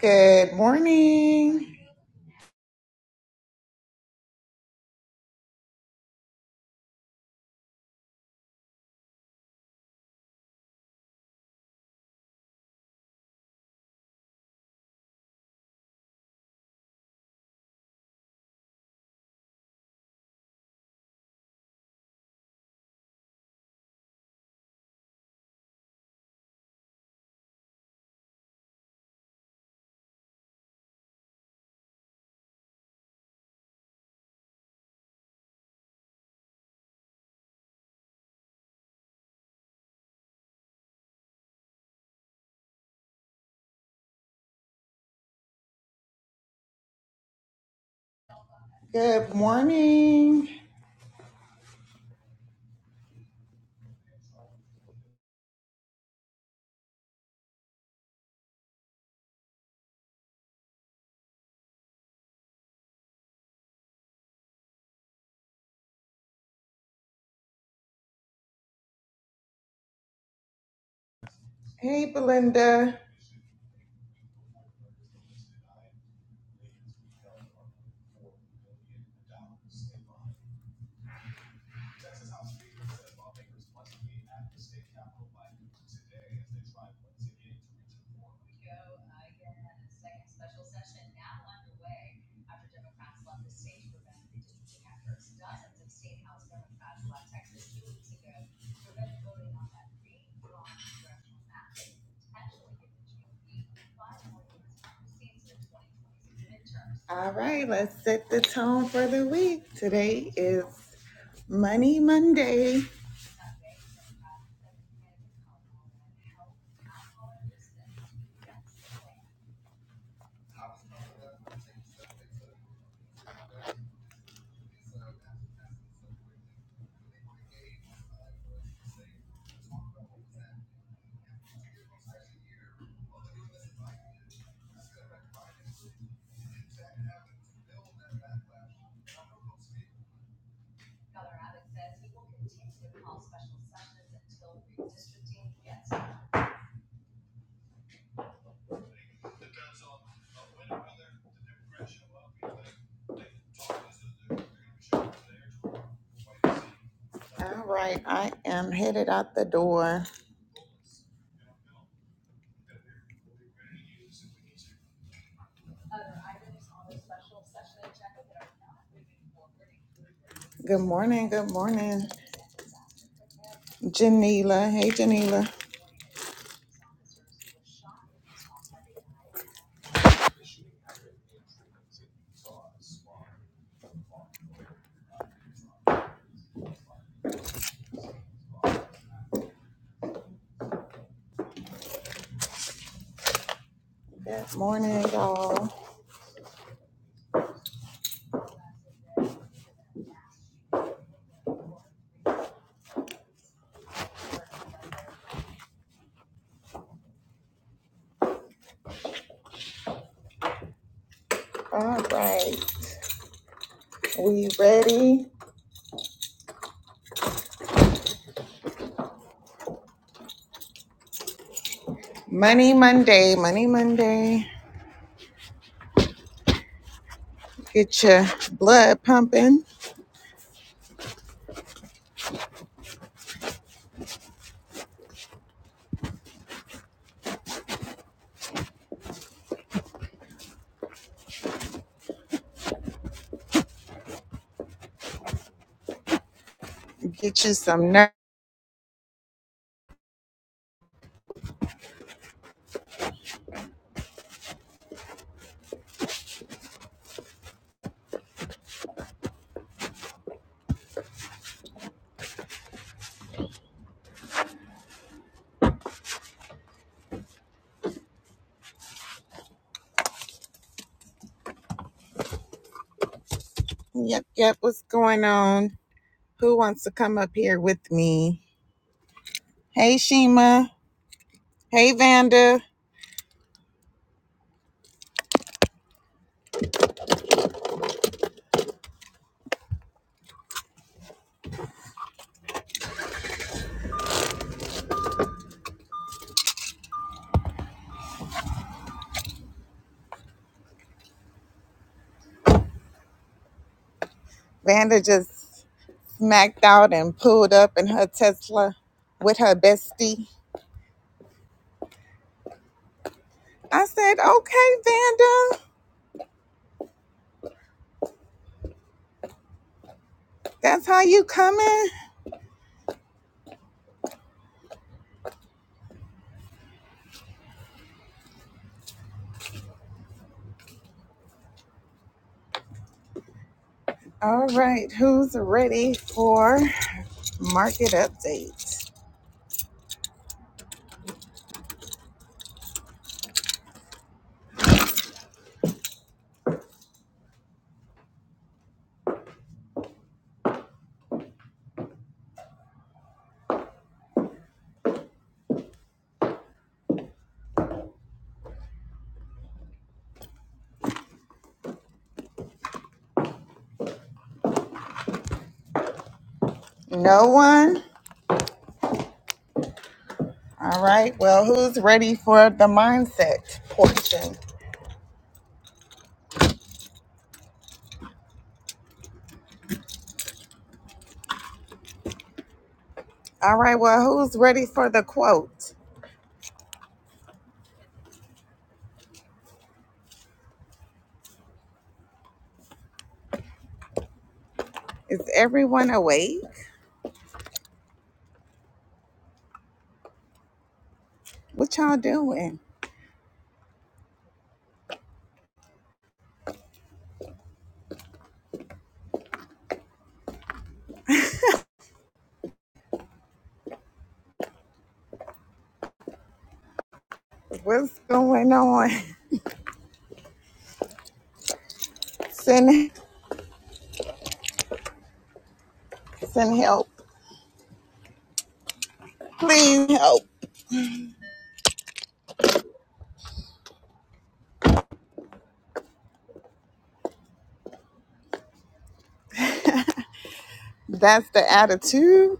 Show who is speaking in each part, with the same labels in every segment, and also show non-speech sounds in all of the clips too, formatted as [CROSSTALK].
Speaker 1: Good morning. Good morning. Hey, Belinda. All right, let's set the tone for the week. Today is Money Monday. All right, I am headed out the door. Good morning. Good morning, Janila. Hey, Janila. Good morning, y'all. All right, we ready? Money Monday. Money Monday. Get your blood pumping. Get you some. nerve. Yep, yep. What's going on? Who wants to come up here with me? Hey, Shima. Hey, Vanda. Vanda just smacked out and pulled up in her Tesla with her bestie. I said, okay, Vanda, that's how you coming? All right, who's ready for market update? No one? All right, well, who's ready for the mindset portion? All right, well, who's ready for the quote? Is everyone awake? What y'all doing? What's going on? [LAUGHS] Send send help. Please help. That's the attitude.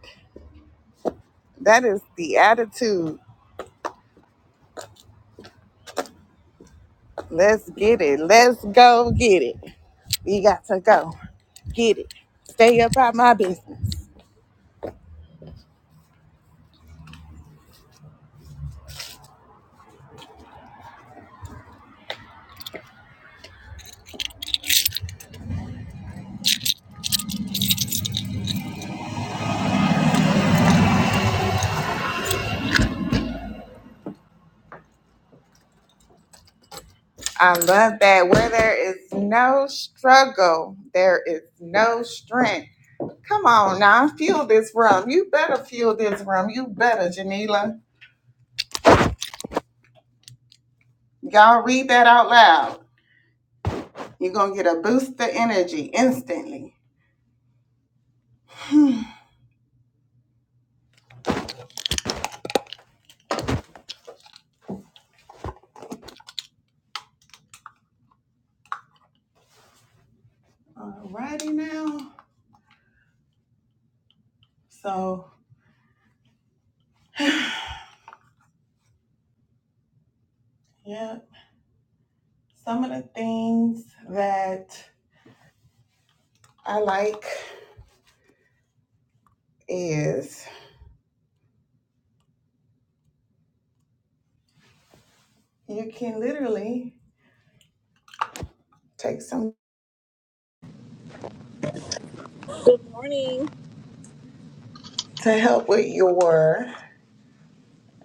Speaker 1: That is the attitude. Let's get it. Let's go get it. We got to go. Get it. Stay up out my business. I love that. Where there is no struggle, there is no strength. Come on now, fuel this room. You better fuel this room. You better, Janila. Y'all read that out loud. You're gonna get a boost of energy instantly. [SIGHS] Alrighty now. So [SIGHS] yeah, some of the things that I like is you can literally take some
Speaker 2: Good morning.
Speaker 1: to help with your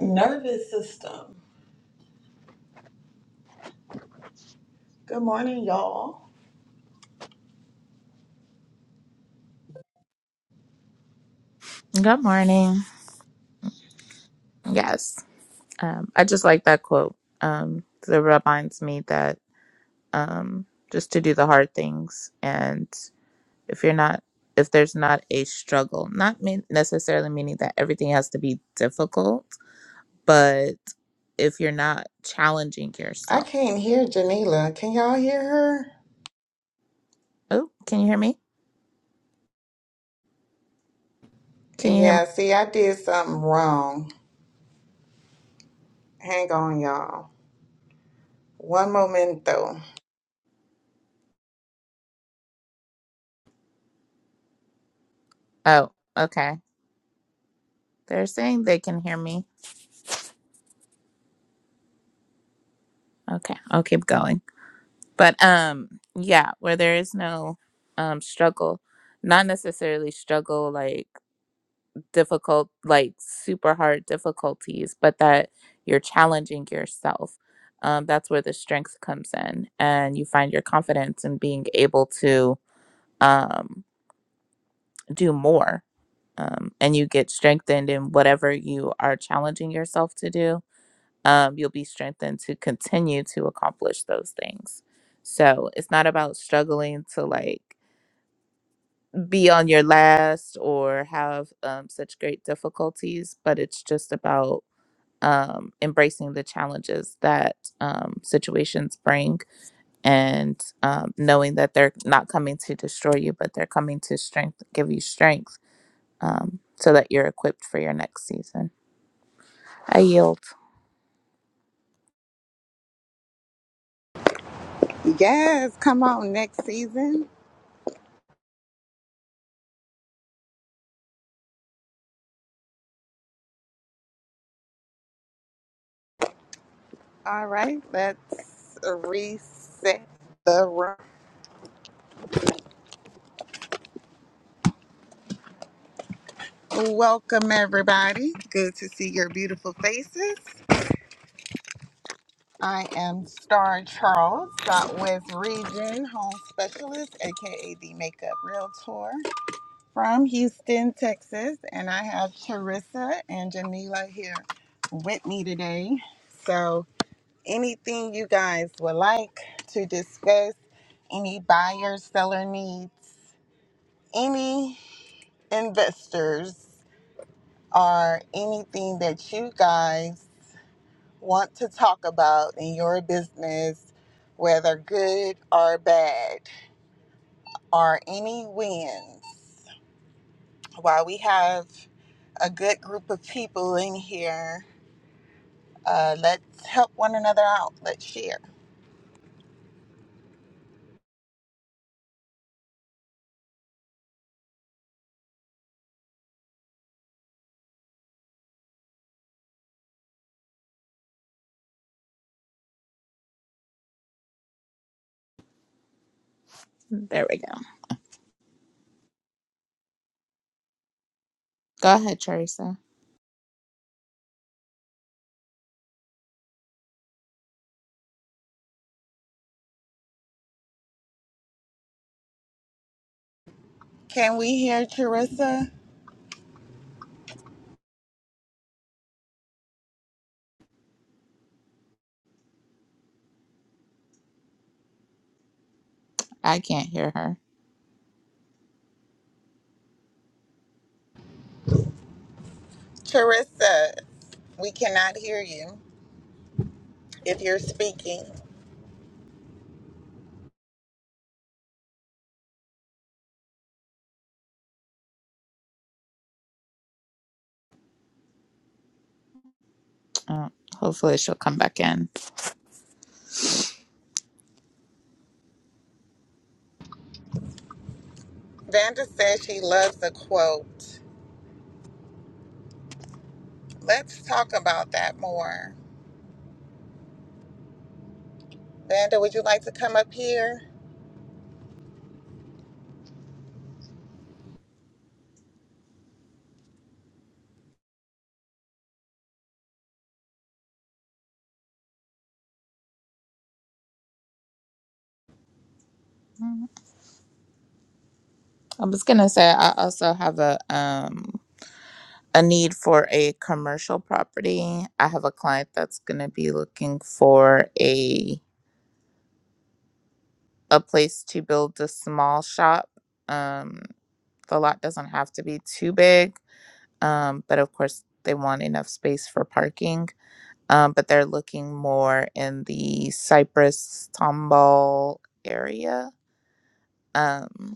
Speaker 1: nervous system. Good morning, y'all.
Speaker 3: Good morning. Yes. Um, I just like that quote. Um, 'cause it reminds me that um, just to do the hard things. And if you're not, if there's not a struggle, not mean, necessarily meaning that everything has to be difficult, but if you're not challenging
Speaker 1: I
Speaker 3: yourself.
Speaker 1: can't hear Janila. Can y'all hear her?
Speaker 3: Oh, can you hear me? Can you hear me?
Speaker 1: Yeah, see, I did something wrong. Hang on, y'all. One moment though.
Speaker 3: Oh, okay. They're saying they can hear me. Okay, I'll keep going. but um yeah where there is no um struggle not necessarily struggle like difficult like super hard difficulties but that you're challenging yourself um that's where the strength comes in and you find your confidence in being able to um do more um and you get strengthened in whatever you are challenging yourself to do um, you'll be strengthened to continue to accomplish those things. So it's not about struggling to like be on your last or have um, such great difficulties, but it's just about um, embracing the challenges that um, situations bring and um, knowing that they're not coming to destroy you, but they're coming to strength, give you strength um, so that you're equipped for your next season. I yield.
Speaker 1: Yes, come on next season. All right, let's reset the room. Welcome, everybody. Good to see your beautiful faces. I am Star Charles, dot with Region Home Specialist, aka the Makeup Realtor from Houston, Texas. And I have Charissa and Janila here with me today. So, anything you guys would like to discuss, any buyer seller needs, any investors, or anything that you guys want to talk about in your business, whether good or bad, or any wins. While we have a good group of people in here, uh, let's help one another out. Let's share.
Speaker 3: There we go. Go ahead, Teresa.
Speaker 1: Can we hear Charissa?
Speaker 3: I can't hear her.
Speaker 1: Teresa, we cannot hear you if you're speaking.
Speaker 3: Uh, hopefully she'll come back in.
Speaker 1: Vanda says she loves a quote. Let's talk about that more. Vanda, would you like to come up here?
Speaker 3: Mm, I was gonna say I also have a um a need for a commercial property. I have a client that's gonna be looking for a a place to build a small shop. Um, the lot doesn't have to be too big, um, but of course they want enough space for parking. Um, but they're looking more in the Cypress Tomball area. Um,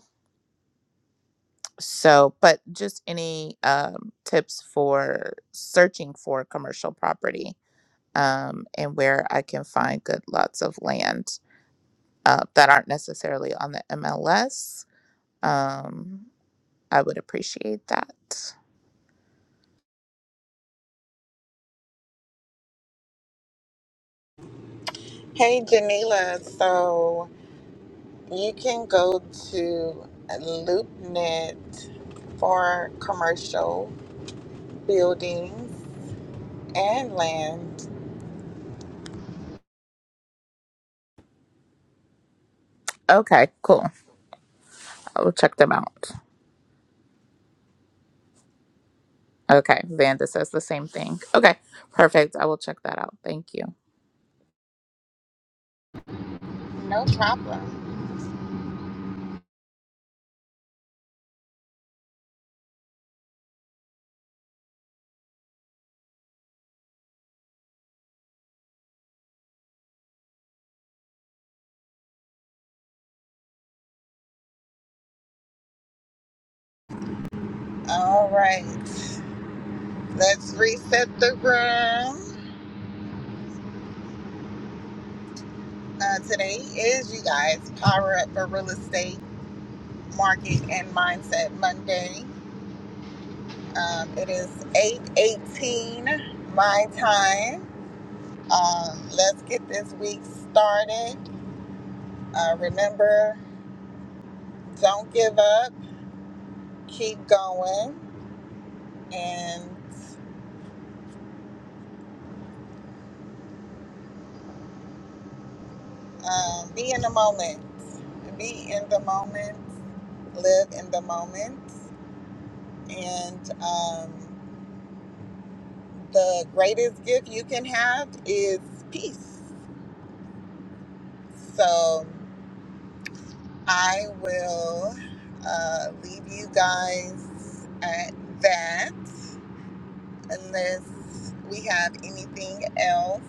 Speaker 3: So, but just any um, tips for searching for commercial property um, and where I can find good lots of land uh, that aren't necessarily on the MLS, um, I would appreciate that.
Speaker 1: Hey, Janila. So you can go to LoopNet for commercial buildings and land.
Speaker 3: Okay, cool. I will check them out. Okay, Vanda says the same thing. Okay, perfect. I will check that out. Thank you.
Speaker 1: No problem. All right. Let's reset the room. Uh, today is, you guys, Power Up for Real Estate Market and Mindset Monday. Um, it is 8.18 my time. Uh, let's get this week started. Uh, remember, don't give up. Keep going. And um, be in the moment. Be in the moment. Live in the moment. And um, the greatest gift you can have is peace So I will uh, leave you guys at that unless we have anything else.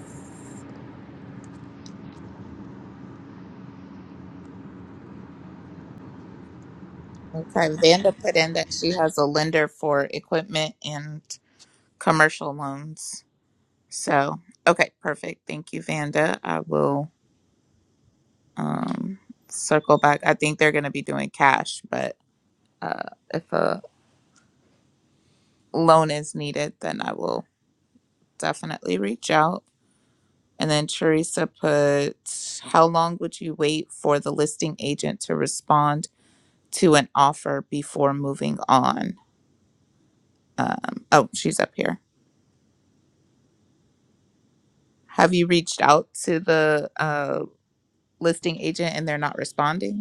Speaker 3: Okay, Vanda put in that she has a lender for equipment and commercial loans. So, okay, perfect. Thank you, Vanda. I will um, circle back. I think they're going to be doing cash, but uh, if a loan is needed, then I will definitely reach out. And then Teresa put, How long would you wait for the listing agent to respond to an offer before moving on? Um, oh, she's up here. Have you reached out to the uh, listing agent and they're not responding?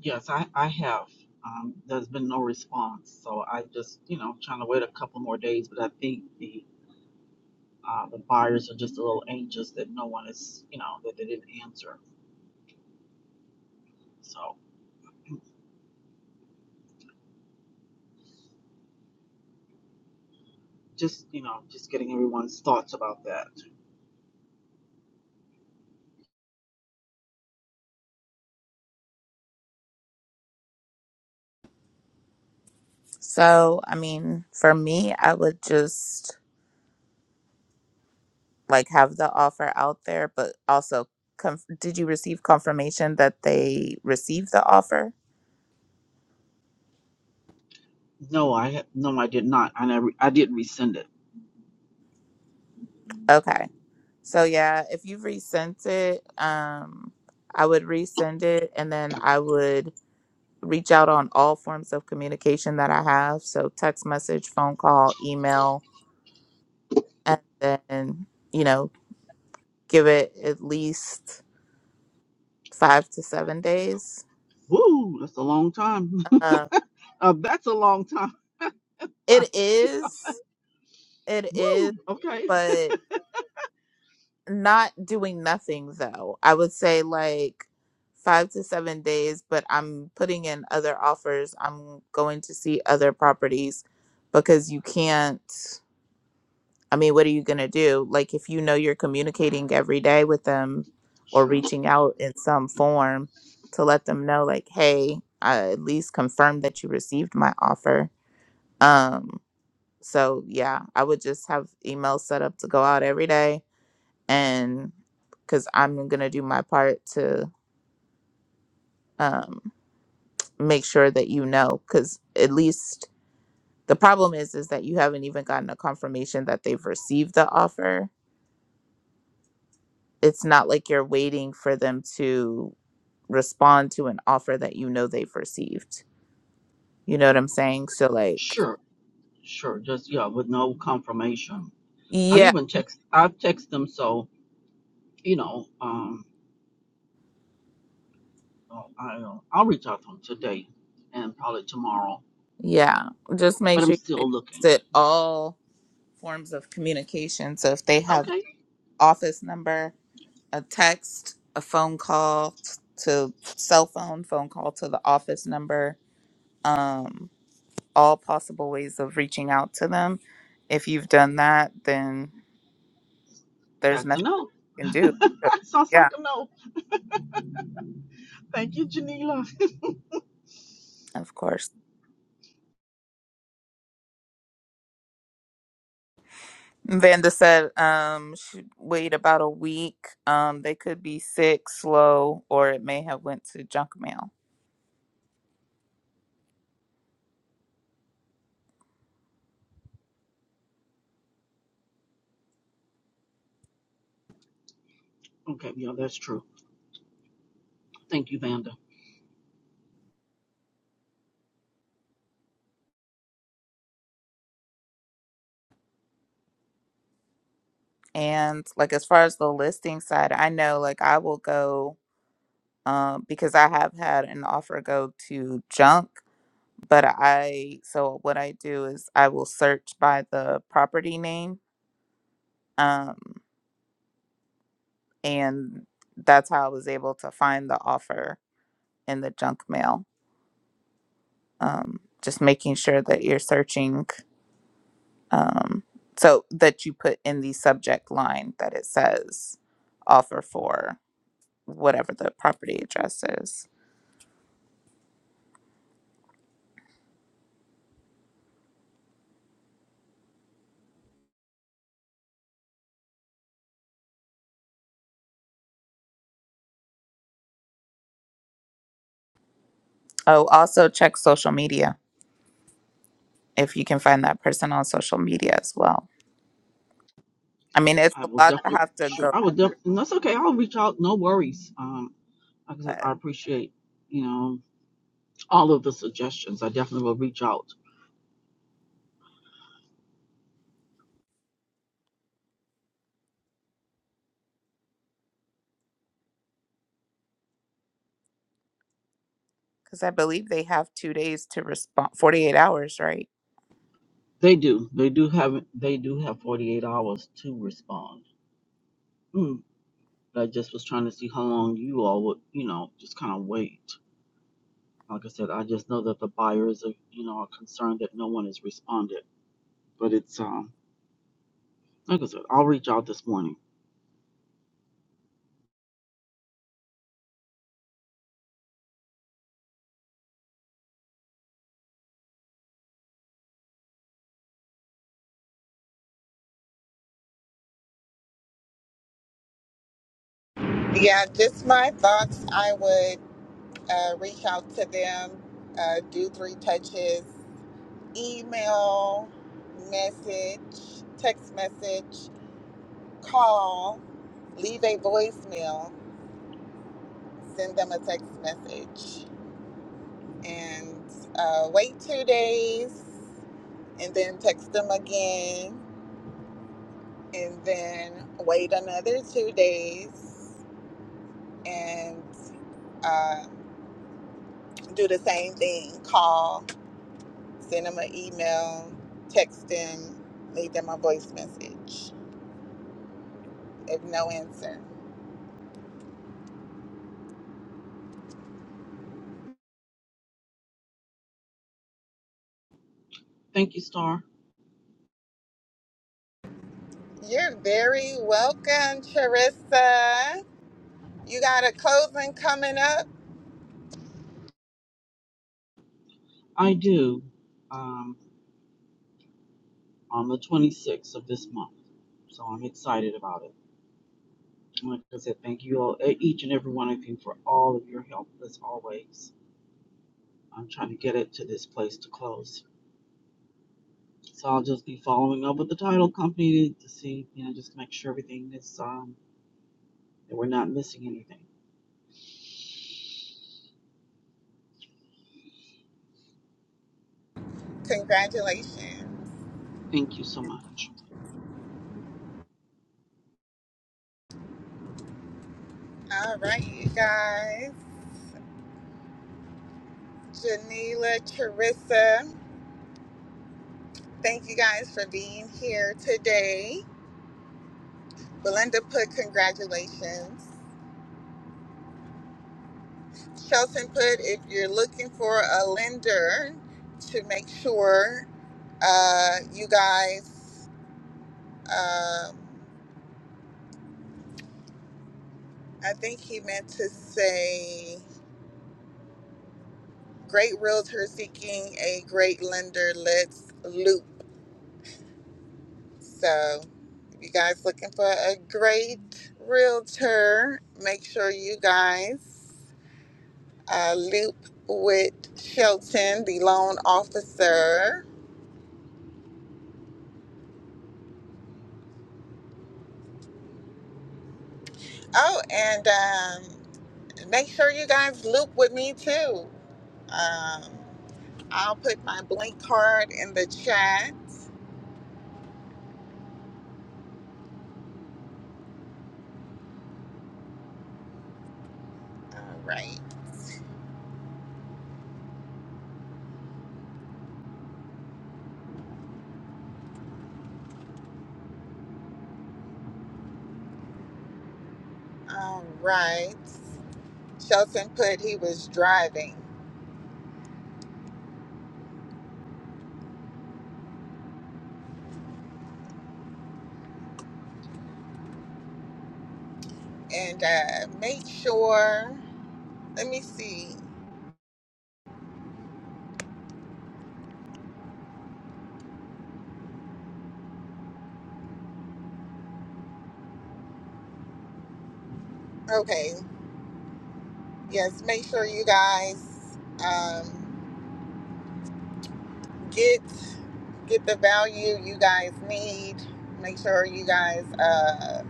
Speaker 2: Yes, I, I have. Um, there's been no response, so I just, you know, trying to wait a couple more days. But I think the uh, the buyers are just a little anxious that no one is, you know, that they didn't answer. So just, you know, just getting everyone's thoughts about that.
Speaker 3: So, I mean, for me, I would just like have the offer out there, but also, conf- did you receive confirmation that they received the offer?
Speaker 2: No, I ha- no, I did not. I never, I didn't resend it.
Speaker 3: Okay. So, yeah, if you've resent it, um, I would resend it and then I would reach out on all forms of communication that I have. So, text message, phone call, email, and then, you know, give it at least five to seven days.
Speaker 2: Woo, that's a long time. [LAUGHS]
Speaker 3: Uh,
Speaker 2: Uh, that's a long time, [LAUGHS] time
Speaker 3: it
Speaker 2: to see.
Speaker 3: is. It is,
Speaker 2: Woo, okay.
Speaker 3: but not doing nothing though. I would say like five to seven days, but I'm putting in other offers. I'm going to see other properties because you can't. I mean, what are you going to do? Like, if you know you're communicating every day with them or
Speaker 2: Sure,
Speaker 3: reaching out in some form to let them know, like, hey, I at least confirm that you received my offer. Um, so yeah, I would just have emails set up to go out every day and because I'm gonna do my part to um, make sure that you know. Because at least the problem is is that you haven't even gotten a confirmation that they've received the offer. It's not like you're waiting for them to respond to an offer that you know they've received. You know what I'm saying? So like,
Speaker 2: sure, sure. Just yeah, with no confirmation. I've
Speaker 3: yeah,
Speaker 2: even text. I've texted them, so you know, um, I'll, I'll reach out to them today and probably tomorrow.
Speaker 3: yeah. Just
Speaker 2: But
Speaker 3: make
Speaker 2: I'm
Speaker 3: sure you
Speaker 2: still looking.
Speaker 3: exhausted all forms of communication. So if they have
Speaker 2: Okay,
Speaker 3: office number, a text, a phone call to cell phone, phone call to the office number, um, all possible ways of reaching out to them. If you've done that, then there's
Speaker 2: that's a
Speaker 3: nothing
Speaker 2: no.
Speaker 3: you can do. Uh,
Speaker 2: [LAUGHS] Sounds
Speaker 3: Yeah,
Speaker 2: like a no. Thank you, Janila. [LAUGHS]
Speaker 3: of course. Vanda said, um, should wait about a week. Um, they could be sick, slow, or it may have went to junk mail.
Speaker 2: Okay, yeah, that's true. Thank you, Vanda.
Speaker 3: And like as far as the listing side, I know like I will go um because I have had an offer go to junk but I so what I do is I will search by the property name, um, and that's how I was able to find the offer in the junk mail. Um, just making sure that you're searching, um, so that you put in the subject line that it says offer for whatever the property address is. Oh, also check social media if you can find that person on social media as well. I mean, it's
Speaker 2: I will
Speaker 3: a lot to
Speaker 2: definitely,
Speaker 3: have to
Speaker 2: sure,
Speaker 3: go,
Speaker 2: I will definitely, that's okay. I'll reach out. No worries. Um. Like I said,
Speaker 3: but
Speaker 2: I appreciate, you know, all of the suggestions. I definitely will reach out.
Speaker 3: Because I believe they have two days to respond, 48 hours, right?
Speaker 2: They do. They do have they do have 48 hours to respond. Mm. But I just was trying to see how long you all would, you know, just kind of wait. Like I said, I just know that the buyers are, you know, are concerned that no one has responded. But it's um like I said, I'll reach out this morning.
Speaker 1: Yeah, just my thoughts. I would uh, reach out to them, uh, do three touches, email, message, text message, call, leave a voicemail, send them a text message, and uh, wait two days and then text them again, and then wait another two days and uh, do the same thing. Call, send them an email, text them, leave them a voice message. If no answer,
Speaker 2: Thank you, Star.
Speaker 1: you're very welcome, Charissa. You got a closing coming up.
Speaker 2: I do um on the 26th of this month. So I'm excited about it. Like I said, thank you all, e- each and every one of you, for all of your help as always. I'm trying to get it to this place to close. So I'll just be following up with the title company to see, you know, just make sure everything is, um, that we're not missing anything.
Speaker 1: Congratulations.
Speaker 2: Thank you so much.
Speaker 1: All right, you guys. Janila, Charissa. Thank you guys for being here today. Belinda put congratulations. Shelton put if you're looking for a lender to make sure uh, you guys, um, I think he meant to say great realtor seeking a great lender, let's loop. So if you guys looking for a great realtor, make sure you guys uh, Loop with Shelton, the loan officer. Oh, and um, make sure you guys loop with me too. Um, I'll put my blink card in the chat. All right. All right. Shelton put he was driving. And uh, make sure, let me see. Okay. Yes, make sure you guys. um, get get the value you guys need. Make sure you guys uh,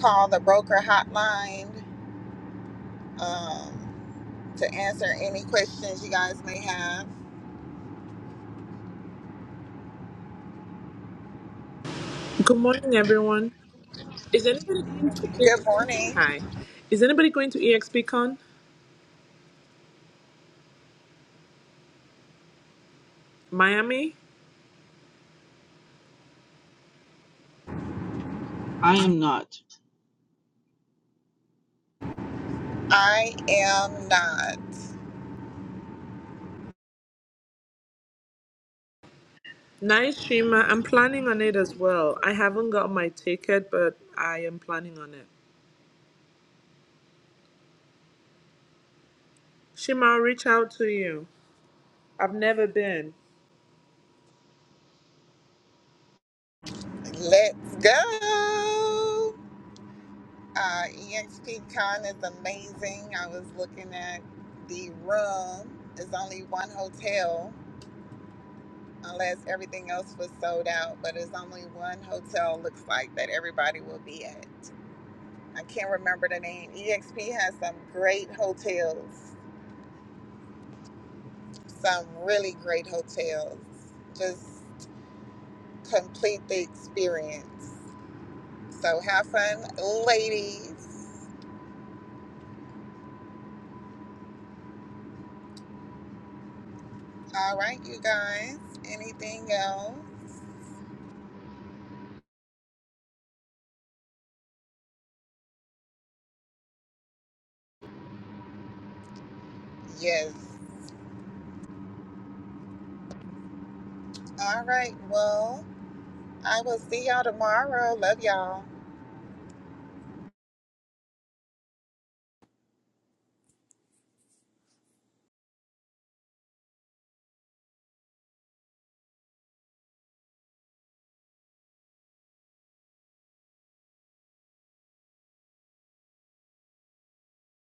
Speaker 1: call the broker hotline um, to answer any questions you guys may have.
Speaker 4: Good morning, everyone. Is anybody going to E-
Speaker 1: Good morning.
Speaker 4: Hi. Is anybody going to EXPCon Miami?
Speaker 2: I am not
Speaker 1: I am not.
Speaker 4: Nice, Shima. I'm planning on it as well. I haven't got my ticket, but I am planning on it. Shima, I'll reach out to you. I've never been.
Speaker 1: Let's go. Uh, EXPCon is amazing. I was looking at the room. There's only one hotel unless everything else was sold out, but it's only one hotel looks like that everybody will be at. I can't remember the name. EXP has some great hotels, some really great hotels. Just complete the experience. So have fun, ladies. All right, you guys. Anything else? Yes. All right, well, I will see y'all tomorrow. Love y'all.